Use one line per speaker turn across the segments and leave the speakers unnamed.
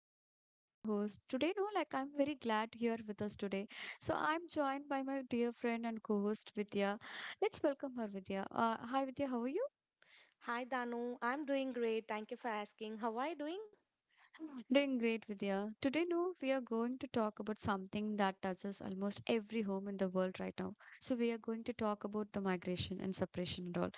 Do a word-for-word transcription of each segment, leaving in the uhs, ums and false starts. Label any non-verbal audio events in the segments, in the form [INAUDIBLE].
I'm Dano, your host. Today, no, like I'm very glad you're with us today. So I'm joined by my dear friend and co-host Vidya. Let's welcome her, Vidya. Uh, hi Vidya, how are you?
Hi Danu, I'm doing great. Thank you for asking. How are you doing?
Doing great, Vidya. Today, no, we are going to talk about something that touches almost every home in the world right now. So, we are going to talk about the migration and separation and all.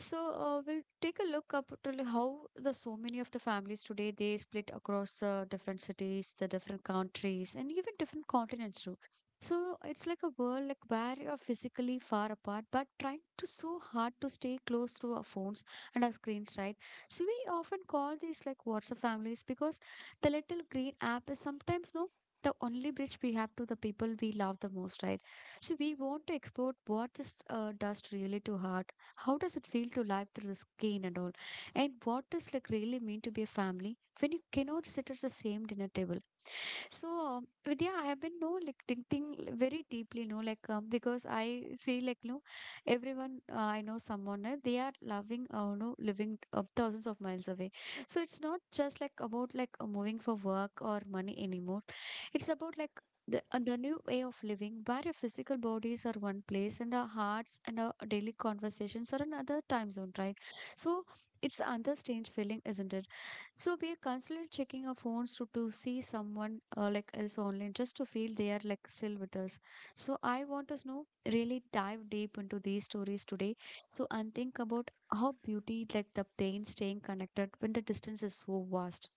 So, uh, we'll take a look up to li- how the so many of the families today they split across uh, different cities, the different countries, and even different continents too. So it's like a world like where you're physically far apart, but trying to so hard to stay close through our phones and our screens, right? So we often call these like WhatsApp families because the little green app is sometimes no the only bridge we have to the people we love the most, right? So we want to explore what this uh, does really to heart. How does it feel to live through the skin and all? And what does like really mean to be a family when you cannot sit at the same dinner table? So, um, Vidya, I have been no like thinking l- very deeply, no, like um, because I feel like no, everyone uh, I know someone uh, they are loving, uh, no, living uh, thousands of miles away. So it's not just like about like uh, moving for work or money anymore. It's about like the uh, the new way of living, where your physical bodies are one place and our hearts and our daily conversations are another time zone, right? So it's another strange feeling, isn't it? So we are constantly checking our phones to, to see someone uh, like else online just to feel they are like still with us. So I want us know really dive deep into these stories today. So and think about how beauty like the pain staying connected when the distance is so vast.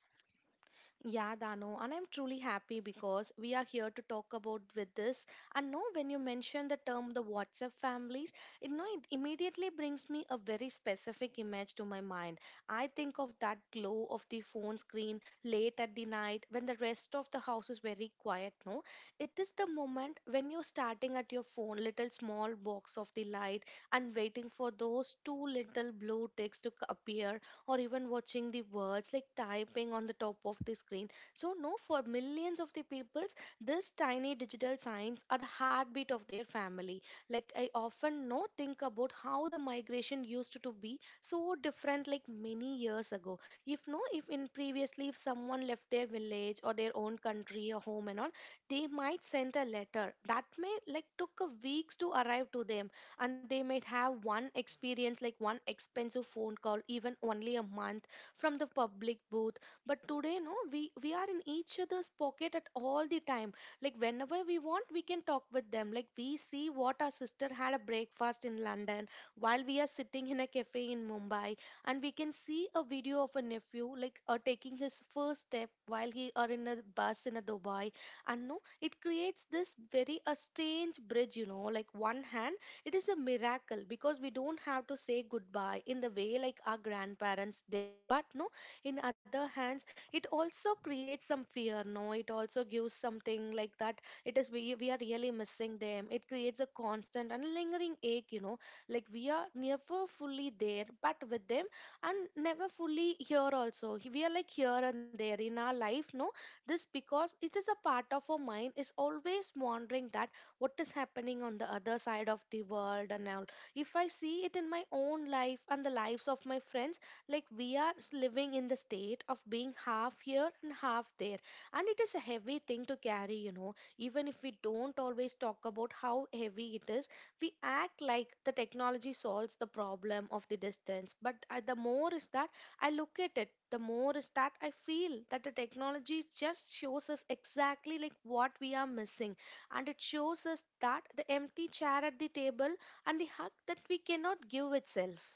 Yeah, Dano, and I'm truly happy because we are here to talk about with this. And no, when you mention the term the WhatsApp families, it, no, it immediately brings me a very specific image to my mind. I think of that glow of the phone screen late at the night when the rest of the house is very quiet. No, it is the moment when you're starting at your phone, little small box of the light, and waiting for those two little blue ticks to c- appear or even watching the words like typing on the top of the screen. So, no, for millions of the peoples, this tiny digital signs are the heartbeat of their family. Like I often no think about how the migration used to be so different like many years ago. If no, if in previously if someone left their village or their own country or home and all, they might send a letter that may like took a weeks to arrive to them, and they might have one experience like one expensive phone call even only a month from the public booth. But today, no, we we are in each other's pocket at all the time. Like whenever we want, we can talk with them. Like we see what our sister had a breakfast in London while we are sitting in a cafe in Mumbai, and we can see a video of a nephew like uh, taking his first step while he are in a bus in a Dubai. And no, it creates this very a strange bridge, you know like one hand it is a miracle because we don't have to say goodbye in the way like our grandparents did. But no, in other hands, it also creates some fear. No, it also gives something like that. It is we we are really missing them. It creates a constant and lingering ache. You know, like we are never fully there, but with them and never fully here also. We are like here and there in our life. No, this because it is a part of our mind is always wondering that what is happening on the other side of the world and all if I see it in my own life and the lives of my friends, like we are s- living in the state of being half here and half there, and it is a heavy thing to carry, you know even if we don't always talk about how heavy it is. We act like the technology solves the problem of the distance, but uh, the more is that I look at it the more is that I feel that the technology just shows us exactly like what we are missing, and it shows us that the empty chair at the table and the hug that we cannot give itself.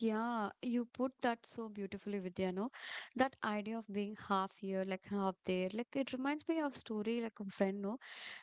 Yeah, you put that so beautifully, Vidya, no? That idea of being half here, like half there. Like it reminds me of story like a friend, no?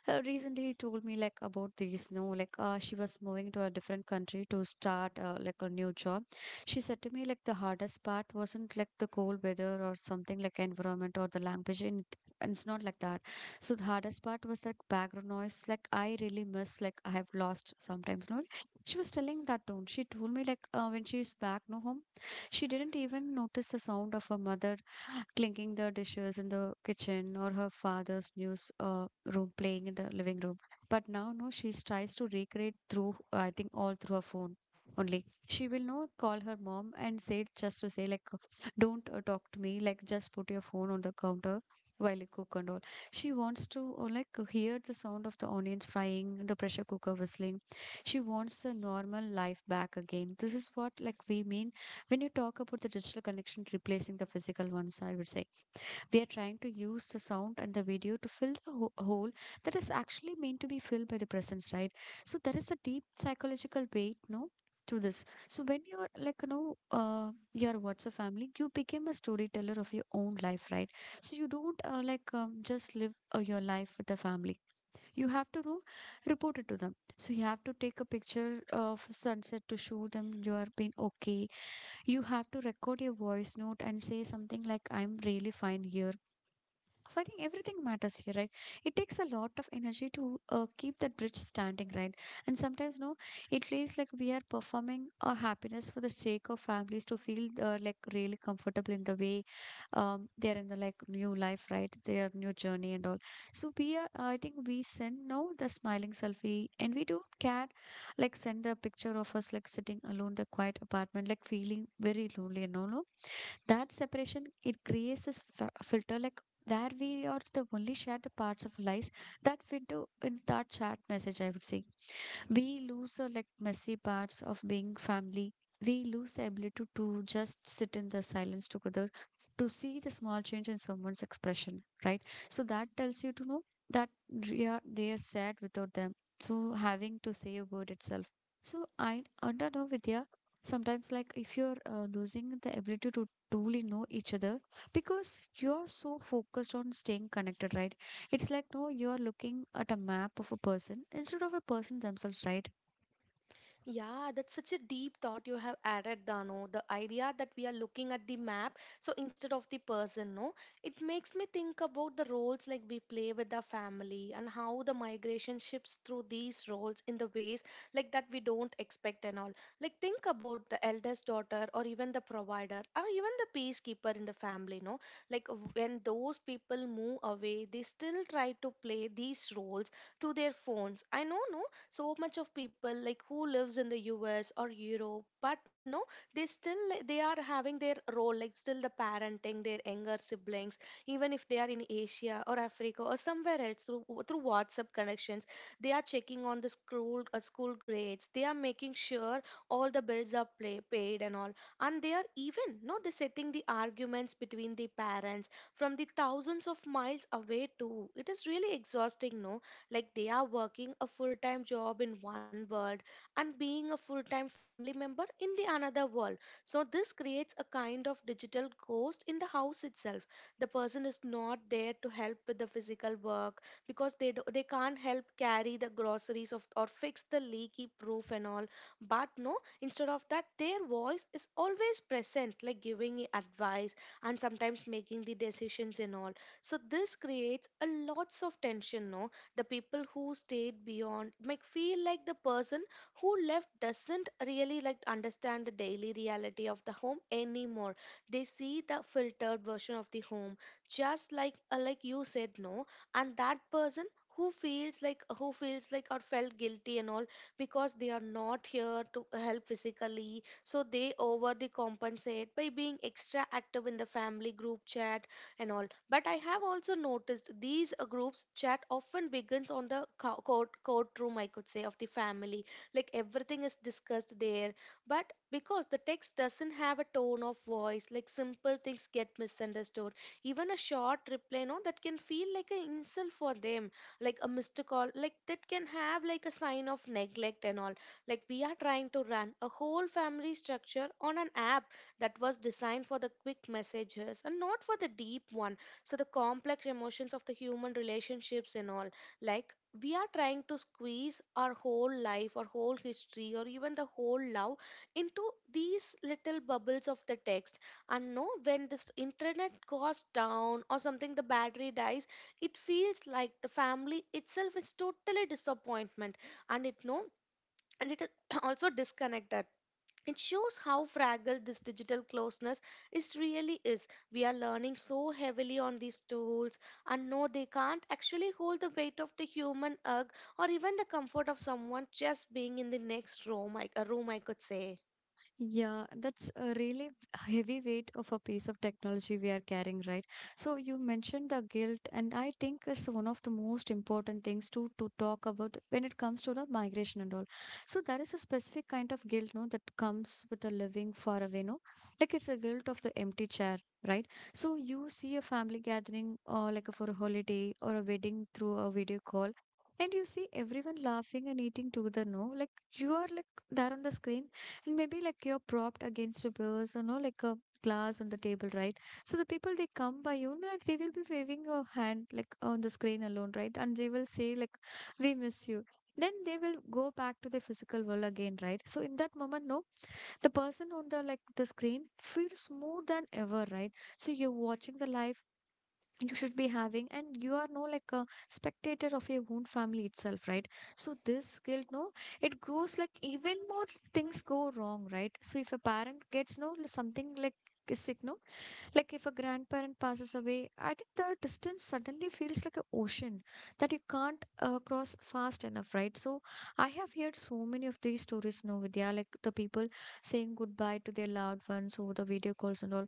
Uh, recently he told me like about this, no? Like uh, she was moving to a different country to start uh, like a new job. She said to me like the hardest part wasn't like the cold weather or something like environment or the language and it- and it's not like that. So the hardest part was like background noise. Like I really miss like I have lost sometimes, no? She was telling that tone. She told me like uh, when she is back no home, she didn't even notice the sound of her mother [GASPS] clinking the dishes in the kitchen or her father's news uh, room playing in the living room. But now, no, she tries to recreate through, I think, all through her phone only. She will no call her mom and say, just to say, like, don't uh, talk to me, like, just put your phone on the counter while you cook and all. She wants to, uh, like, hear the sound of the onions frying, the pressure cooker whistling. She wants the normal life back again. This is what like we mean when you talk about the digital connection replacing the physical ones, I would say. We are trying to use the sound and the video to fill the ho- hole that is actually meant to be filled by the presence, right? So there is a deep psychological weight, no, to this. So when you're like, you know, uh your what's a family, you became a storyteller of your own life, right? So you don't uh, like um, just live uh, your life with the family. You have to do report it to them. So you have to take a picture of sunset to show them you are being okay. You have to record your voice note and say something like, I'm really fine here. So I think everything matters here, right? It takes a lot of energy to uh, keep that bridge standing, right? And sometimes, no, it feels like we are performing a happiness for the sake of families to feel uh, like really comfortable in the way um, they are in the like new life, right? Their new journey and all. So we are, I think we send now the smiling selfie, and we don't care, like send the picture of us like sitting alone in the quiet apartment, like feeling very lonely and all. No, that separation it creates this f- filter like where we are the only shared parts of lives that fit to in that chat message, I would say. We lose the like messy parts of being family. We lose the ability to just sit in the silence together, to see the small change in someone's expression, right? So that tells you to know that they are, they are sad without them, so having to say a word itself. So I under know, Vidya, sometimes like if you're uh, losing the ability to truly know each other because you're so focused on staying connected, right? It's like, no, you're looking at a map of a person instead of a person themselves, right?
Yeah, that's such a deep thought you have added, Dano. The idea that we are looking at the map, so instead of the person, no, it makes me think about the roles like we play with our family and how the migration shifts through these roles in the ways like that we don't expect and all. Like think about the eldest daughter or even the provider or even the peacekeeper in the family, no. Like when those people move away, they still try to play these roles through their phones. I know, no, so much of people like who lives in the U S or Europe, but no, they still like, they are having their role, like still the parenting, their younger siblings, even if they are in Asia or Africa or somewhere else through through WhatsApp connections, they are checking on the school uh, school grades. They are making sure all the bills are play, paid and all, and they are even no, they're setting the arguments between the parents from the thousands of miles away too. It is really exhausting, no? Like they are working a full time job in one world and being a full time family member in the another world. So this creates a kind of digital ghost in the house itself. The person is not there to help with the physical work because they do, they can't help carry the groceries of or fix the leaky roof and all. But no, instead of that, their voice is always present, like giving i- advice and sometimes making the decisions and all. So this creates a lots of tension, no? The people who stayed beyond make feel like the person who left doesn't really like understand the daily reality of the home anymore. They see the filtered version of the home, just like uh, like you said, no. And that person who feels like who feels like or felt guilty and all, because they are not here to help physically, so they over the compensate by being extra active in the family group chat and all. But I have also noticed these uh, groups chat often begins on the co- court courtroom, I could say, of the family. Like everything is discussed there. But because the text doesn't have a tone of voice, like simple things get misunderstood. Even a short reply, you know, that can feel like an insult for them, like a missed call, like that can have like a sign of neglect and all. Like we are trying to run a whole family structure on an app that was designed for the quick messages and not for the deep one, so the complex emotions of the human relationships and all, like we are trying to squeeze our whole life, our whole history, or even the whole love into these little bubbles of the text. And no, when this internet goes down or something the battery dies, it feels like the family itself is totally disappointment, and it no, and it is [CLEARS THROAT] also disconnected. It shows how fragile this digital closeness is really is. We are learning so heavily on these tools, and no, they can't actually hold the weight of the human hug, or even the comfort of someone just being in the next room, I, a room, I could say.
Yeah, that's a really heavy weight of a piece of technology we are carrying, right? So you mentioned the guilt, and I think it's one of the most important things to to talk about when it comes to the migration and all. So there is a specific kind of guilt, no, that comes with the living far away, no, like it's a guilt of the empty chair, right? So you see a family gathering, or like for a holiday or a wedding through a video call. And you see everyone laughing and eating together, no? Like you are like there on the screen and maybe like you're propped against a vase, or know, like a glass on the table, right? So the people they come by you and they will be waving a hand like on the screen alone, right? And they will say like, "We miss you." Then they will go back to the physical world again, right? So in that moment, no, the person on the like the screen feels more than ever, right? So you're watching the life you should be having and you are no like a spectator of your own family itself, right? So this guilt, no, it grows like even more. Things go wrong, right? So if a parent gets no something like is sick, no, like if a grandparent passes away, I think the distance suddenly feels like an ocean that you can't uh, cross fast enough, right? So I have heard so many of these stories now, Vidya, like the people saying goodbye to their loved ones over the video calls and all.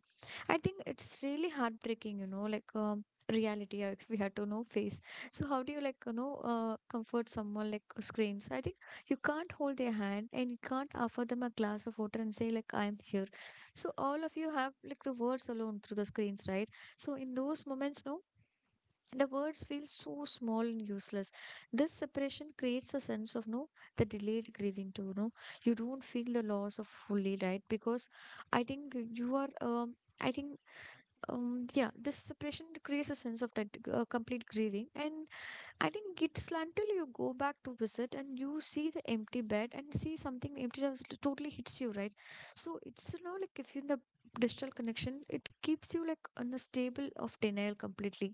I think it's really heartbreaking, you know, like um, reality uh, [LAUGHS] we had to know face. So how do you like you know uh, comfort someone like who screams? I think you can't hold their hand and you can't offer them a glass of water and say like, I'm here. So all of you have like the words alone through the screens, right? So in those moments, no, the words feel so small and useless. This separation creates a sense of, no, the delayed grieving too, no. You don't feel the loss of fully, right? Because I think you are um I think um yeah, this separation creates a sense of that uh, complete grieving. And I think it's until you go back to visit and you see the empty bed and see something empty that was- totally hits you, right? So it's, you know, like if you're in the digital connection, it keeps you like on a stable of denial completely,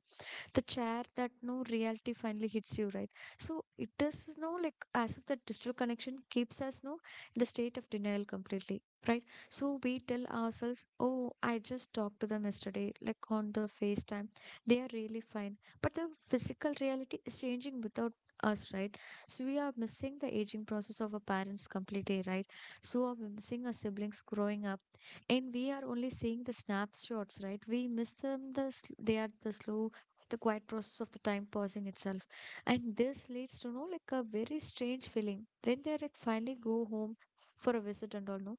the chair that no reality finally hits you, right? So it does no like as if that digital connection keeps us, no, in the state of denial completely, right? So we tell ourselves, oh, I just talked to them yesterday, like on the FaceTime. They are really fine. But the physical reality is changing without us, right? So we are missing the aging process of our parents completely, right? So are we missing our siblings growing up, and we are only seeing the snapshots, right? We miss them, the sl- they are the slow, the quiet process of the time passing itself. And this leads to no like a very strange feeling when they like finally go home for a visit and all, no,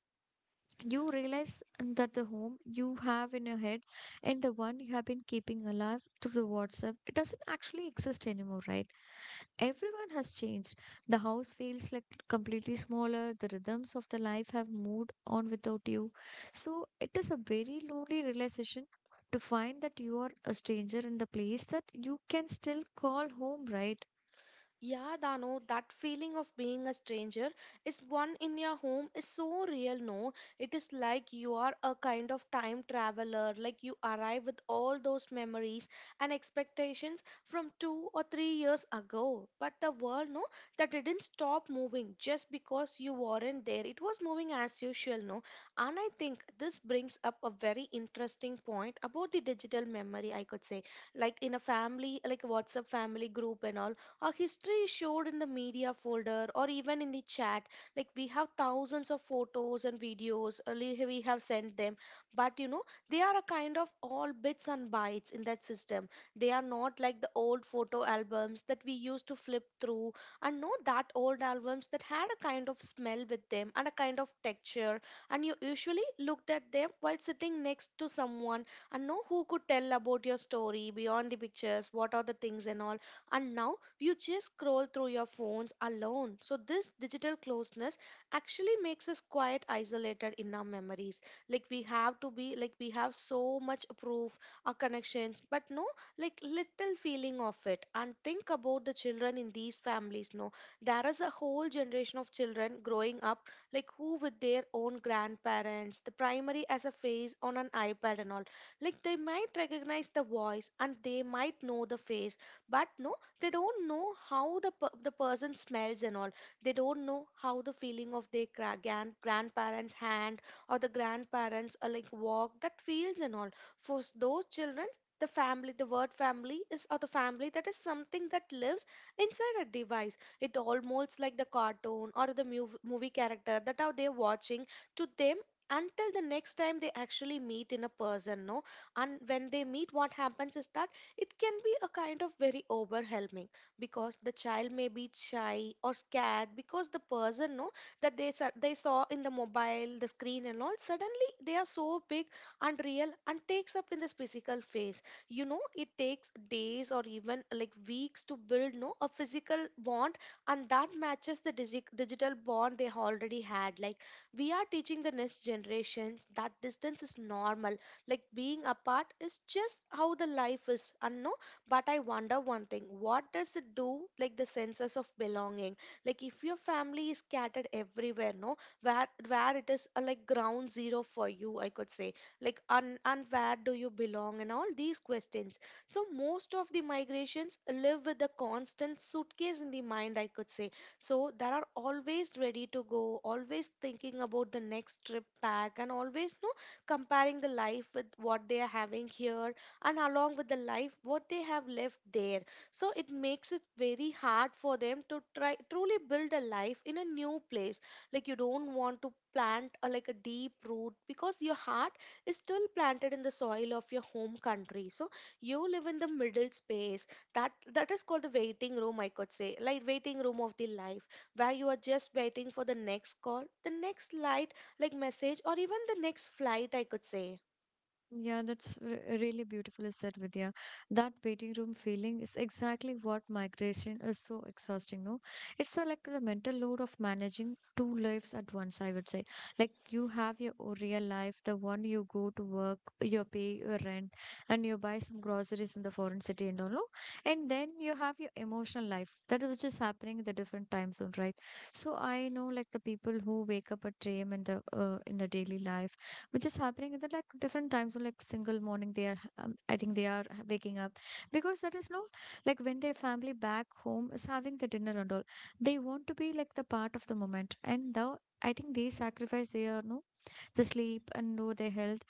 you realize that the home you have in your head and the one you have been keeping alive through the WhatsApp, it doesn't actually exist anymore, right? Everyone has changed. The house feels like completely smaller. The rhythms of the life have moved on without you. So it is a very lonely realization to find that you are a stranger in the place that you can still call home, right?
Yeah, Dano, that feeling of being a stranger is one in your home is so real, no? It is like you are a kind of time traveler, like you arrive with all those memories and expectations from two or three years ago. But the world, no, that didn't stop moving just because you weren't there. It was moving as usual, no? And I think this brings up a very interesting point about the digital memory, I could say. Like in a family, like WhatsApp family group and all, our history is showed in the media folder or even in the chat. Like we have thousands of photos and videos earlier we have sent them, but you know they are a kind of all bits and bytes in that system. They are not like the old photo albums that we used to flip through, and know that old albums that had a kind of smell with them and a kind of texture, and you usually looked at them while sitting next to someone and know who could tell about your story beyond the pictures, what are the things and all. And now you just scroll through your phones alone, so this digital closeness actually makes us quite isolated in our memories. Like we have to be, like we have so much proof our connections, but no, like little feeling of it. And think about the children in these families, no, there is a whole generation of children growing up like who with their own grandparents the primary as a face on an iPad and all. Like they might recognize the voice and they might know the face, but no, they don't know how the per- the person smells and all. They don't know how the feeling of their gra- gran- grandparents hand, or the grandparents uh, like walk that feels and all. For s- those children, the family, the word family is, or the family that is something that lives inside a device. It almost like the cartoon or the mu- movie character that are they watching to them, until the next time they actually meet in a person, no. And when they meet, what happens is that it can be a kind of very overwhelming, because the child may be shy or scared because the person know that they sa- they saw in the mobile, the screen and all. Suddenly they are so big, unreal, and takes up in this physical phase. You know, it takes days or even like weeks to build no a physical bond, and that matches the digi- digital bond they already had. Like we are teaching the next generations that distance is normal, like being apart is just how the life is and no, but I wonder one thing. What does it do, like the senses of belonging? Like if your family is scattered everywhere, no, where where it is, uh, like ground zero for you, I could say. Like and and where do you belong and all these questions. So most of the migrations live with a constant suitcase in the mind, I could say. So there are always ready to go, always thinking about the next trip back, and always no, comparing the life with what they are having here, and along with the life what they have left there. So it makes it very hard for them to try truly build a life in a new place. Like you don't want to plant a, like a deep root, because your heart is still planted in the soil of your home country. So you live in the middle space, that that is called the waiting room, I could say, like waiting room of the life, where you are just waiting for the next call, the next light, like message, or even the next flight, I could say.
Yeah, that's r- really beautifully said, Vidya. That waiting room feeling is exactly what migration is so exhausting, no? It's a, like the mental load of managing two lives at once, I would say. Like you have your o- real life, the one you go to work, you pay your rent, and you buy some groceries in the foreign city and all, no? And then you have your emotional life, that is just happening in the different time zone, right? So I know like the people who wake up at three a m in the uh, in the daily life which is happening in the like different times, so like single morning they are ha- um, I think they are ha- waking up because that is no, like when their family back home is having the dinner and all. They want to be like the part of the moment, and the I think they sacrifice their no, the sleep, and know their health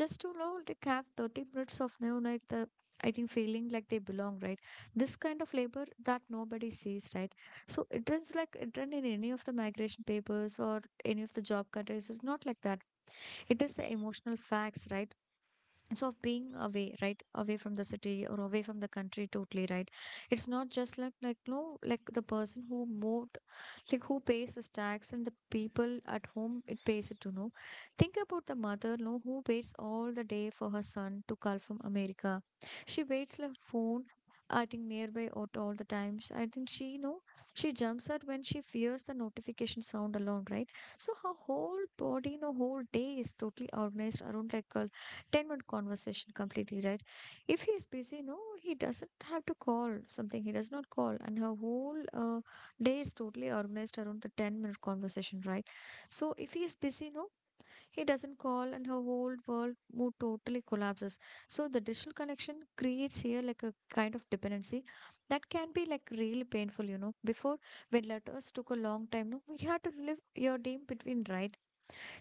just to know, like, have thirty minutes of no night, the I think feeling like they belong, right? This kind of labor that nobody sees, right? So it is like it written in any of the migration papers or any of the job countries, it's not like that. It is the emotional facts, right? So being away, right, away from the city or away from the country totally, right, it's not just like like no, like the person who moved, like who pays his tax and the people at home it pays it to know. Think about the mother, no, who waits all the day for her son to call from America. She waits like phone, I think nearby at all the times, I think she, you know, she jumps out when she fears the notification sound alone, right? So her whole body, no, whole day is totally organized around like uh, ten minute conversation completely, right? If he is busy, no, he doesn't have to call something. He does not call. And her whole uh, day is totally organized around the ten minute conversation, right? So if he is busy, no, he doesn't call and her whole world mood totally collapses. So the digital connection creates here like a kind of dependency that can be like really painful, you know. Before, when letters took a long time, no, we had to live your day between, right?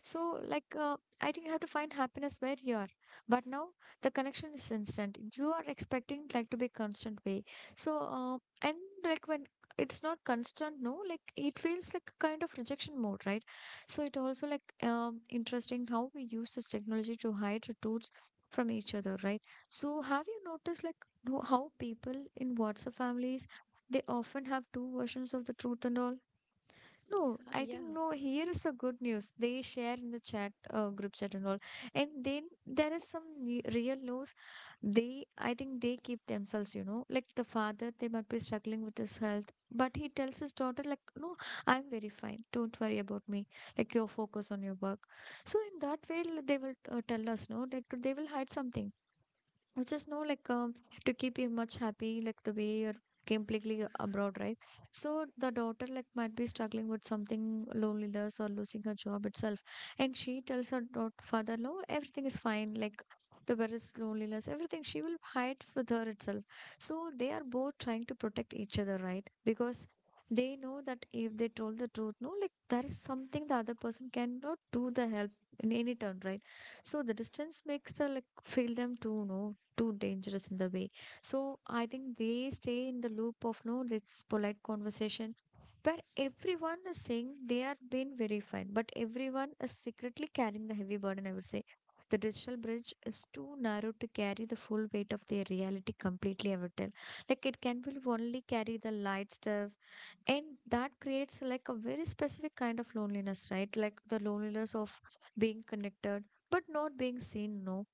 So, like, uh, I think you have to find happiness where you are. But now the connection is instant. You are expecting like to be constant way. So, uh, and like when it's not constant, no, like it feels like a kind of rejection mode, right? So it also like um, interesting how we use this technology to hide the truths from each other, right? So have you noticed like no- how people in WhatsApp families they often have two versions of the truth and all? No,
Uh,
I think
yeah,
no. Here is the good news. They share in the chat, uh, group chat and all. And then there is some ne- real news. They, I think they keep themselves, you know, like the father, they might be struggling with his health, but he tells his daughter, like, no, I'm very fine. Don't worry about me. Like, your focus on your work. So in that way, l- they will uh, tell us, no, like they will hide something which is no like um, to keep you much happy like the way you're completely abroad, right? So the daughter like might be struggling with something, loneliness or losing her job itself, and she tells her daughter father, no, everything is fine, like the various loneliness everything she will hide with her itself. So they are both trying to protect each other, right? Because they know that if they told the truth, no, like there is something the other person cannot do the help in any turn, right? So the distance makes the like feel them too no, too dangerous in the way. So I think they stay in the loop of no this polite conversation where everyone is saying they are being very fine, but everyone is secretly carrying the heavy burden, I would say. The digital bridge is too narrow to carry the full weight of their reality completely, I would tell. Like it can will only carry the light stuff, and that creates like a very specific kind of loneliness, right? Like the loneliness of being connected but not being seen, no.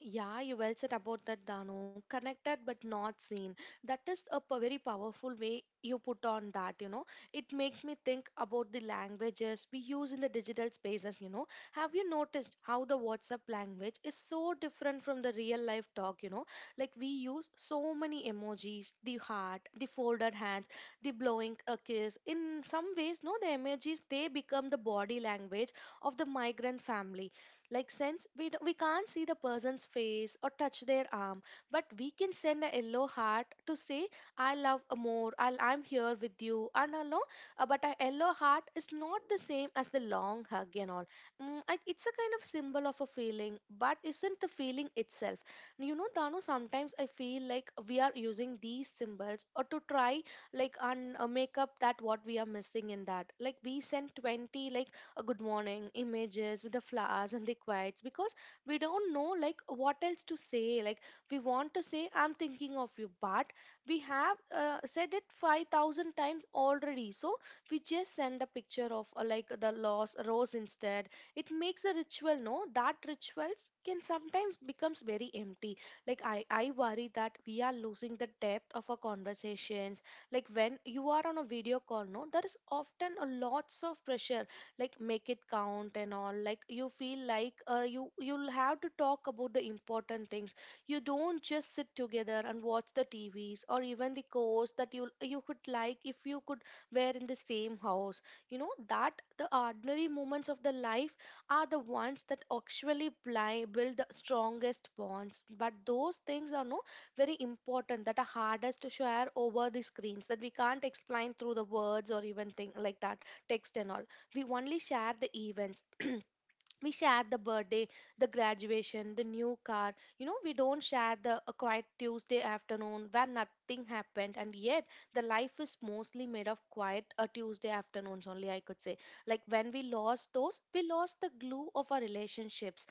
yeah, you well said about that, Danu. Connected but not seen. That is a p- very powerful way you put on that, you know. It makes me think about the languages we use in the digital spaces, you know. Have you noticed how the WhatsApp language is so different from the real life talk, you know? Like we use so many emojis, the heart, the folded hands, the blowing a kiss. In some ways, no, the emojis they become the body language of the migrant family, like since we d- we can't see the person's face or touch their arm, but we can send a yellow heart to say I love more. I I'm here with you and hello. Uh, but a yellow heart is not the same as the long hug and all. Mm, I, it's a kind of symbol of a feeling, but isn't the feeling itself. You know, Danu. Sometimes I feel like we are using these symbols or to try like un, uh, make up that what we are missing in that. Like we send twenty like a good morning images with the flowers and the quiets, because we don't know like what else to say. Like we want to say I'm thinking of you, but we have uh, said it five thousand times already, so we just send a picture of uh, like the lost rose instead. It makes a ritual, no, that rituals can sometimes becomes very empty. Like i i worry that we are losing the depth of our conversations. Like when you are on a video call, no, there is often a lots of pressure, like make it count and all. Like you feel like, uh, you you'll have to talk about the important things. You don't just sit together and watch the tvs or even the course that you you could, like if you could wear in the same house. You know that the ordinary moments of the life are the ones that actually bli- build the strongest bonds, but those things are no, very important, that are hardest to share over the screens, that we can't explain through the words or even thing like that, text and all. We only share the events. [CLEARS THROAT] We share the birthday, the graduation, the new car. You know we don't share the a quiet Tuesday afternoon where nothing happened, and yet the life is mostly made of quiet uh, Tuesday afternoons only, I could say. Like when we lost those, we lost the glue of our relationships.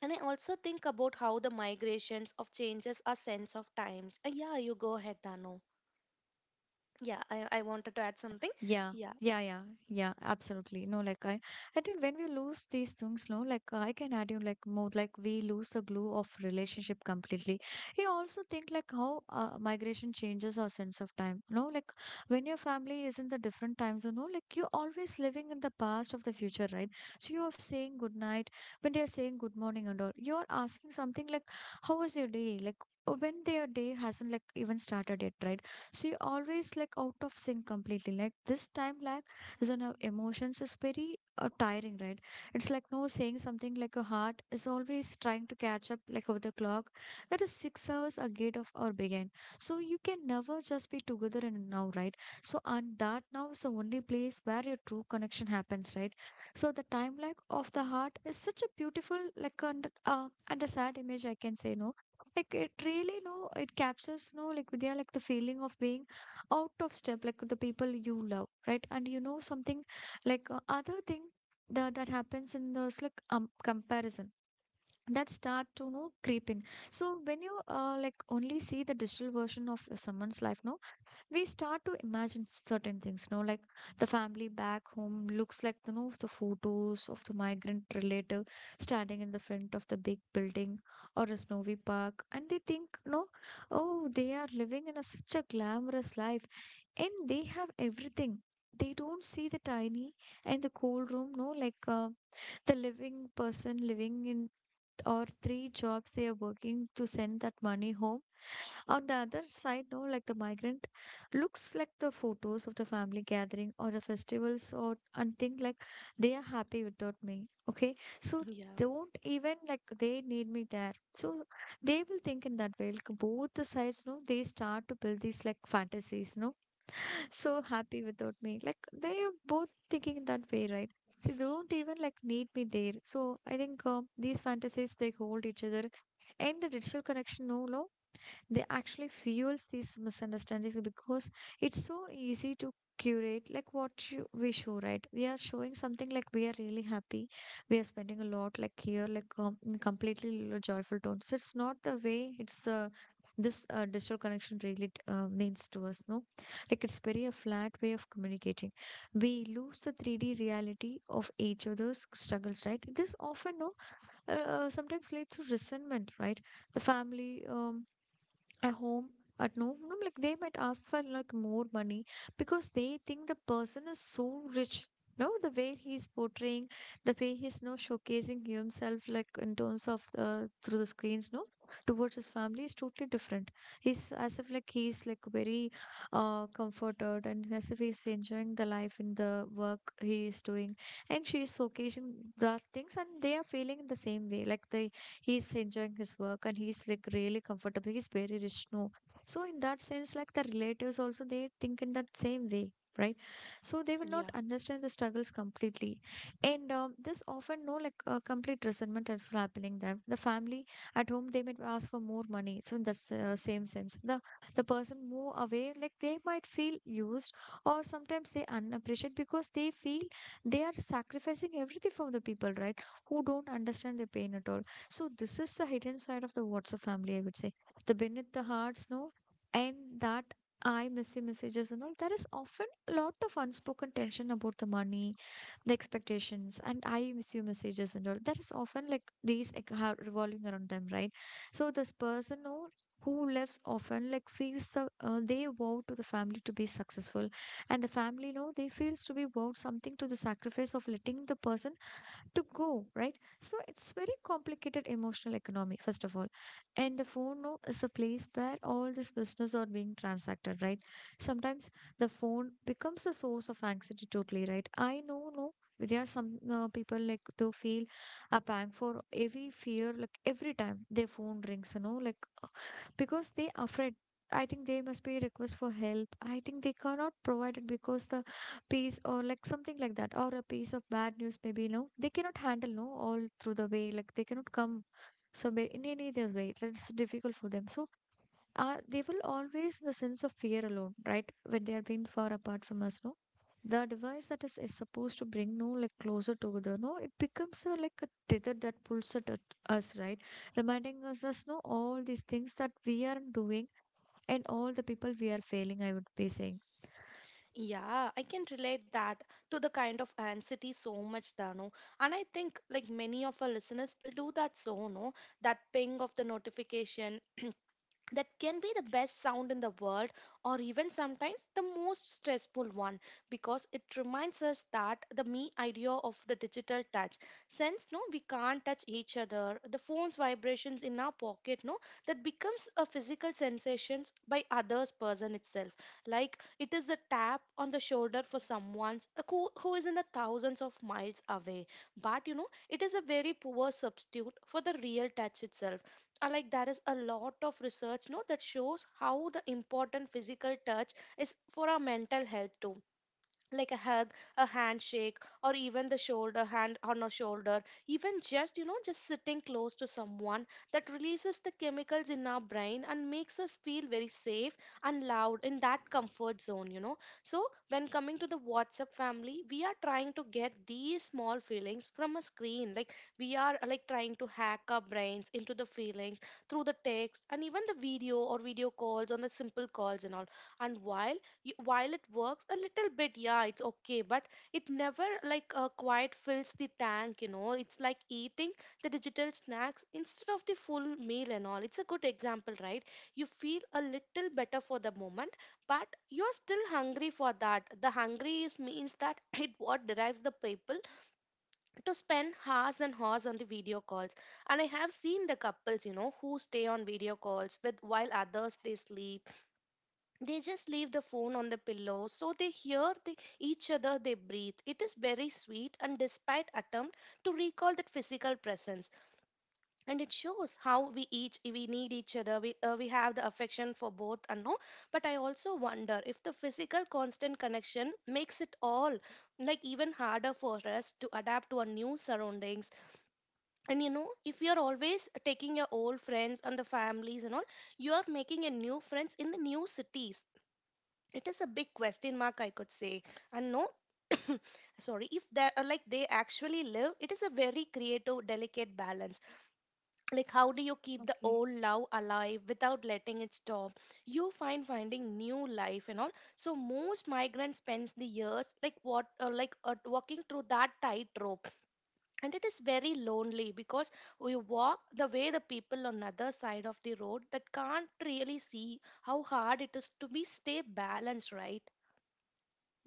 And I also think about how the migrations of changes our sense of times, uh, yeah, you go ahead, Dano. Yeah, I, I wanted to
Yeah,
add
yeah,
something.
yeah,
Yeah,
yeah, yeah, yeah, absolutely. No, like I, I think when we lose these things, no, like uh, I can add you like more like we lose the glue of relationship completely. I also think like how uh, migration changes our sense of time. No, like when your family is in the different time zone, no, like you're always living in the past of the future, right? So you're saying good night when they're saying good morning and all. You're asking something like, how was your day? Like when their day hasn't like even started yet, right? She always like out of sync completely, like this time lag is on her emotions is very uh, tiring, right? It's like no saying something like a heart is always trying to catch up like over the clock that is six hours ahead of our begin. So you can never just be together and now, right? So, and that now is the only place where your true connection happens, right? So the time lag of the heart is such a beautiful like and uh, and a sad image I can say, no, like it really no it captures no like Vidya like the feeling of being out of step like with the people you love, right? And you know something, like uh, other thing that that happens in the like um, comparison that start to, you know, creep in. So when you uh, like only see the digital version of someone's life, no, we start to imagine certain things, you know, like the family back home looks like, you know, the photos of the migrant relative standing in the front of the big building or a snowy park, and they think, no, oh they are living in a, such a glamorous life, and they have everything. They don't see the tiny and the cold room, no, like uh, the living person living in, or three jobs they are working to send that money home. On the other side, no, like the migrant looks like the photos of the family gathering or the festivals or and think like they are happy without me. Okay. So
yeah,
don't even like they need me there. So they will think in that way. Like both the sides, no, they start to build these like fantasies, no. [LAUGHS] So happy without me. Like they are both thinking that way, right? So they don't even like need me there. So I think uh, these fantasies they hold each other, and the digital connection, no, no, they actually fuels these misunderstandings because it's so easy to curate like what you, we show, right? We are showing something like we are really happy, we are spending a lot like here like um, completely l- joyful tone. So it's not the way it's the this uh, digital connection really uh, means to us, no. Like it's very a flat way of communicating, we lose the three d reality of each other's struggles, right? This often no uh, uh, sometimes leads to resentment, right? The family um, at home at no, no, like they might ask for like more money because they think the person is so rich, no, the way he's portraying, the way he's now showcasing himself like in terms of uh, through the screens, no, towards his family is totally different. He's as if like he's like very uh comforted and as if he's enjoying the life in the work he is doing, and she is showcasing the things, and they are feeling the same way like they he's enjoying his work and he's like really comfortable, he's very rich, no. So in that sense, like the relatives also they think in that same way, right? So they will
yeah.
not understand the struggles completely. And um, this often no like uh, complete resentment is happening there. The family at home they might ask for more money. So in the s- uh, same sense, the the person move away like they might feel used, or sometimes they unappreciate because they feel they are sacrificing everything for the people, right, who don't understand their pain at all. So this is the hidden side of the WhatsApp family, I would say. The beneath the hearts, no, and that I messy messages and all. There is often a lot of unspoken tension about the money, the expectations, and I miss you messages and all. That is often like these like, ha- revolving around them, right? So this person, no. Who lives often like feels the uh, they vow to the family to be successful, and the family know they feels to be vowed something to the sacrifice of letting the person to go, right? So it's very complicated emotional economy, first of all. And the phone no, is the place where all this business are being transacted, right? Sometimes the phone becomes a source of anxiety totally, right? I know, no, there are some uh, people like they feel a pang for every fear, like every time their phone rings, you know, like because they afraid. I think they must be request for help. I think they cannot provide it because the piece or like something like that or a piece of bad news maybe no, they cannot handle no all through the way, like they cannot come. So may- in any other way it's difficult for them. So uh, they will always in the sense of fear alone, right? When they are being far apart from us no, the device that is, is supposed to bring no like closer together no, it becomes a, like a tether that pulls at at us, right? Reminding us us no all these things that we aren't doing and all the people we are failing, I would be saying.
Yeah, I can relate that to the kind of anxiety so much, Dano. And I think like many of our listeners will do that so, no? That ping of the notification, [CLEARS THROAT] that can be the best sound in the world, or even sometimes the most stressful one, because it reminds us that the me idea of the digital touch. Since no, we can't touch each other, the phone's vibrations in our pocket, no, that becomes a physical sensation by others person itself. Like it is a tap on the shoulder for someone who, who is in the thousands of miles away. But you know, it is a very poor substitute for the real touch itself. Uh, like there is a lot of research, no, that shows how the important physical touch is for our mental health too. Like a hug, a handshake, or even the shoulder, hand on a shoulder, even just, you know, just sitting close to someone. That releases the chemicals in our brain and makes us feel very safe and loud in that comfort zone, you know. So when coming to the WhatsApp family, we are trying to get these small feelings from a screen. Like we are, uh, like trying to hack our brains into the feelings through the text, and even the video or video calls on the simple calls and all. And while y- while it works a little bit, yeah, it's okay, but it never like, uh, quite fills the tank, you know. It's like eating the digital snacks instead of the full meal and all, it's a good example, right? You feel a little better for the moment, but you're still hungry for that. The hungry is means that [LAUGHS] it what drives the people to spend hours and hours on the video calls. And I have seen the couples, you know, who stay on video calls with while others they sleep. They just leave the phone on the pillow so they hear the, each other they breathe. It is very sweet and despite attempt to recall that physical presence. And it shows how we each we need each other. We, uh, we have the affection for both and no, but I also wonder if the physical constant connection makes it all, like even harder for us to adapt to our new surroundings. And you know, if you're always taking your old friends and the families and all, you are making a new friends in the new cities, it is a big question mark, I could say. And no, [COUGHS] sorry, if they are like they actually live, it is a very creative delicate balance. Like how do you keep the old
Okay.
love alive without letting it stop, you find finding new life and all. So most migrants spends the years like what, uh, like uh, walking through that tightrope. And it is very lonely because we walk the way, the people on the other side of the road, that can't really see how hard it is to be stay balanced, right?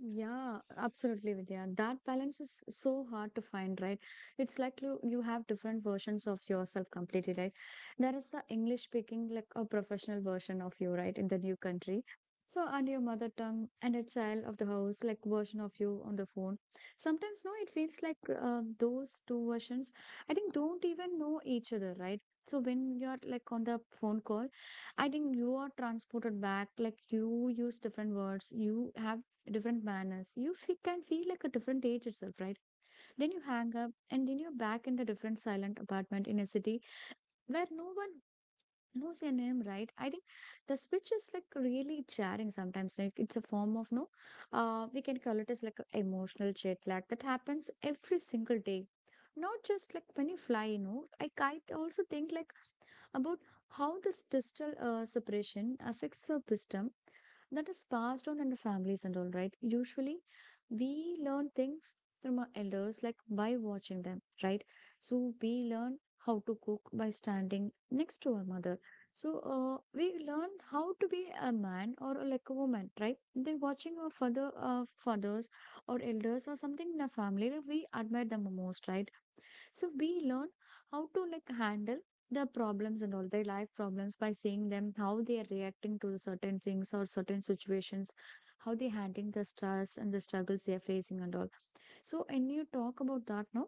Yeah, absolutely, Vidya. That balance is so hard to find, right? It's like you, you have different versions of yourself completely, right? There is the English speaking, like a professional version of you, right, in the new country. So, and your mother tongue and a child of the house, like version of you on the phone. Sometimes, no, it feels like uh, those two versions, I think, don't even know each other, right? So, when you're like on the phone call, I think you are transported back, like you use different words, you have different manners, you fe- can feel like a different age itself, right? Then you hang up and then you're back in the different silent apartment in a city where no one knows your name, right? I think the speech is like really jarring sometimes, like it's a form of no, uh we can call it as like a emotional jet lag that happens every single day, not just like when you fly, you know. i, I also think like about how this digital uh, separation affects the wisdom that is passed on in the families and all, right? Usually we learn things from our elders like by watching them, right? So we learn how to cook by standing next to our mother. So uh, we learn how to be a man or a- like a woman, right? The watching our father, uh, fathers or elders or something in a family, like, we admire them most, right? So we learn how to like handle the problems and all their life problems by seeing them how they are reacting to the certain things or certain situations, how they handling the stress and the struggles they are facing and all. So, and you talk about that now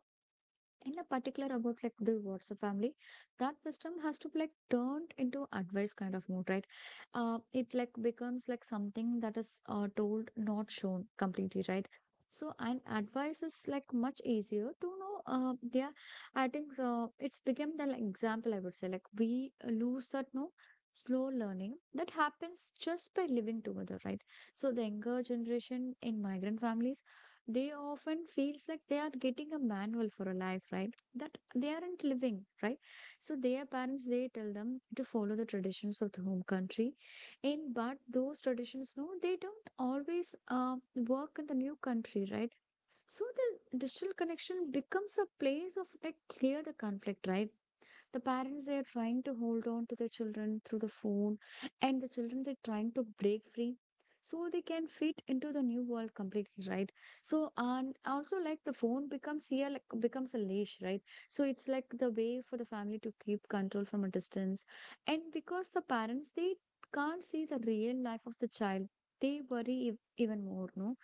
in a particular about like the what's a family, that wisdom has to be like turned into advice kind of mode, right? Uh it like becomes like something that is uh, told not shown completely, right? So and advice is like much easier to know. Uh yeah, I think so it's become the like, example I would say like we lose that no, slow learning that happens just by living together, right? So the younger generation in migrant families, they often feels like they are getting a manual for a life right that they aren't living, right? So their parents, they tell them to follow the traditions of the home country, and but those traditions no, they don't always uh, work in the new country, right? So the digital connection becomes a place of like clear the conflict, right? The parents, they are trying to hold on to their children through the phone, and the children, they're trying to break free so they can fit into the new world completely, right? So and also like the phone becomes here like becomes a leash, right? So it's like the way for the family to keep control from a distance. And because the parents, they can't see the real life of the child, they worry ev- even more no.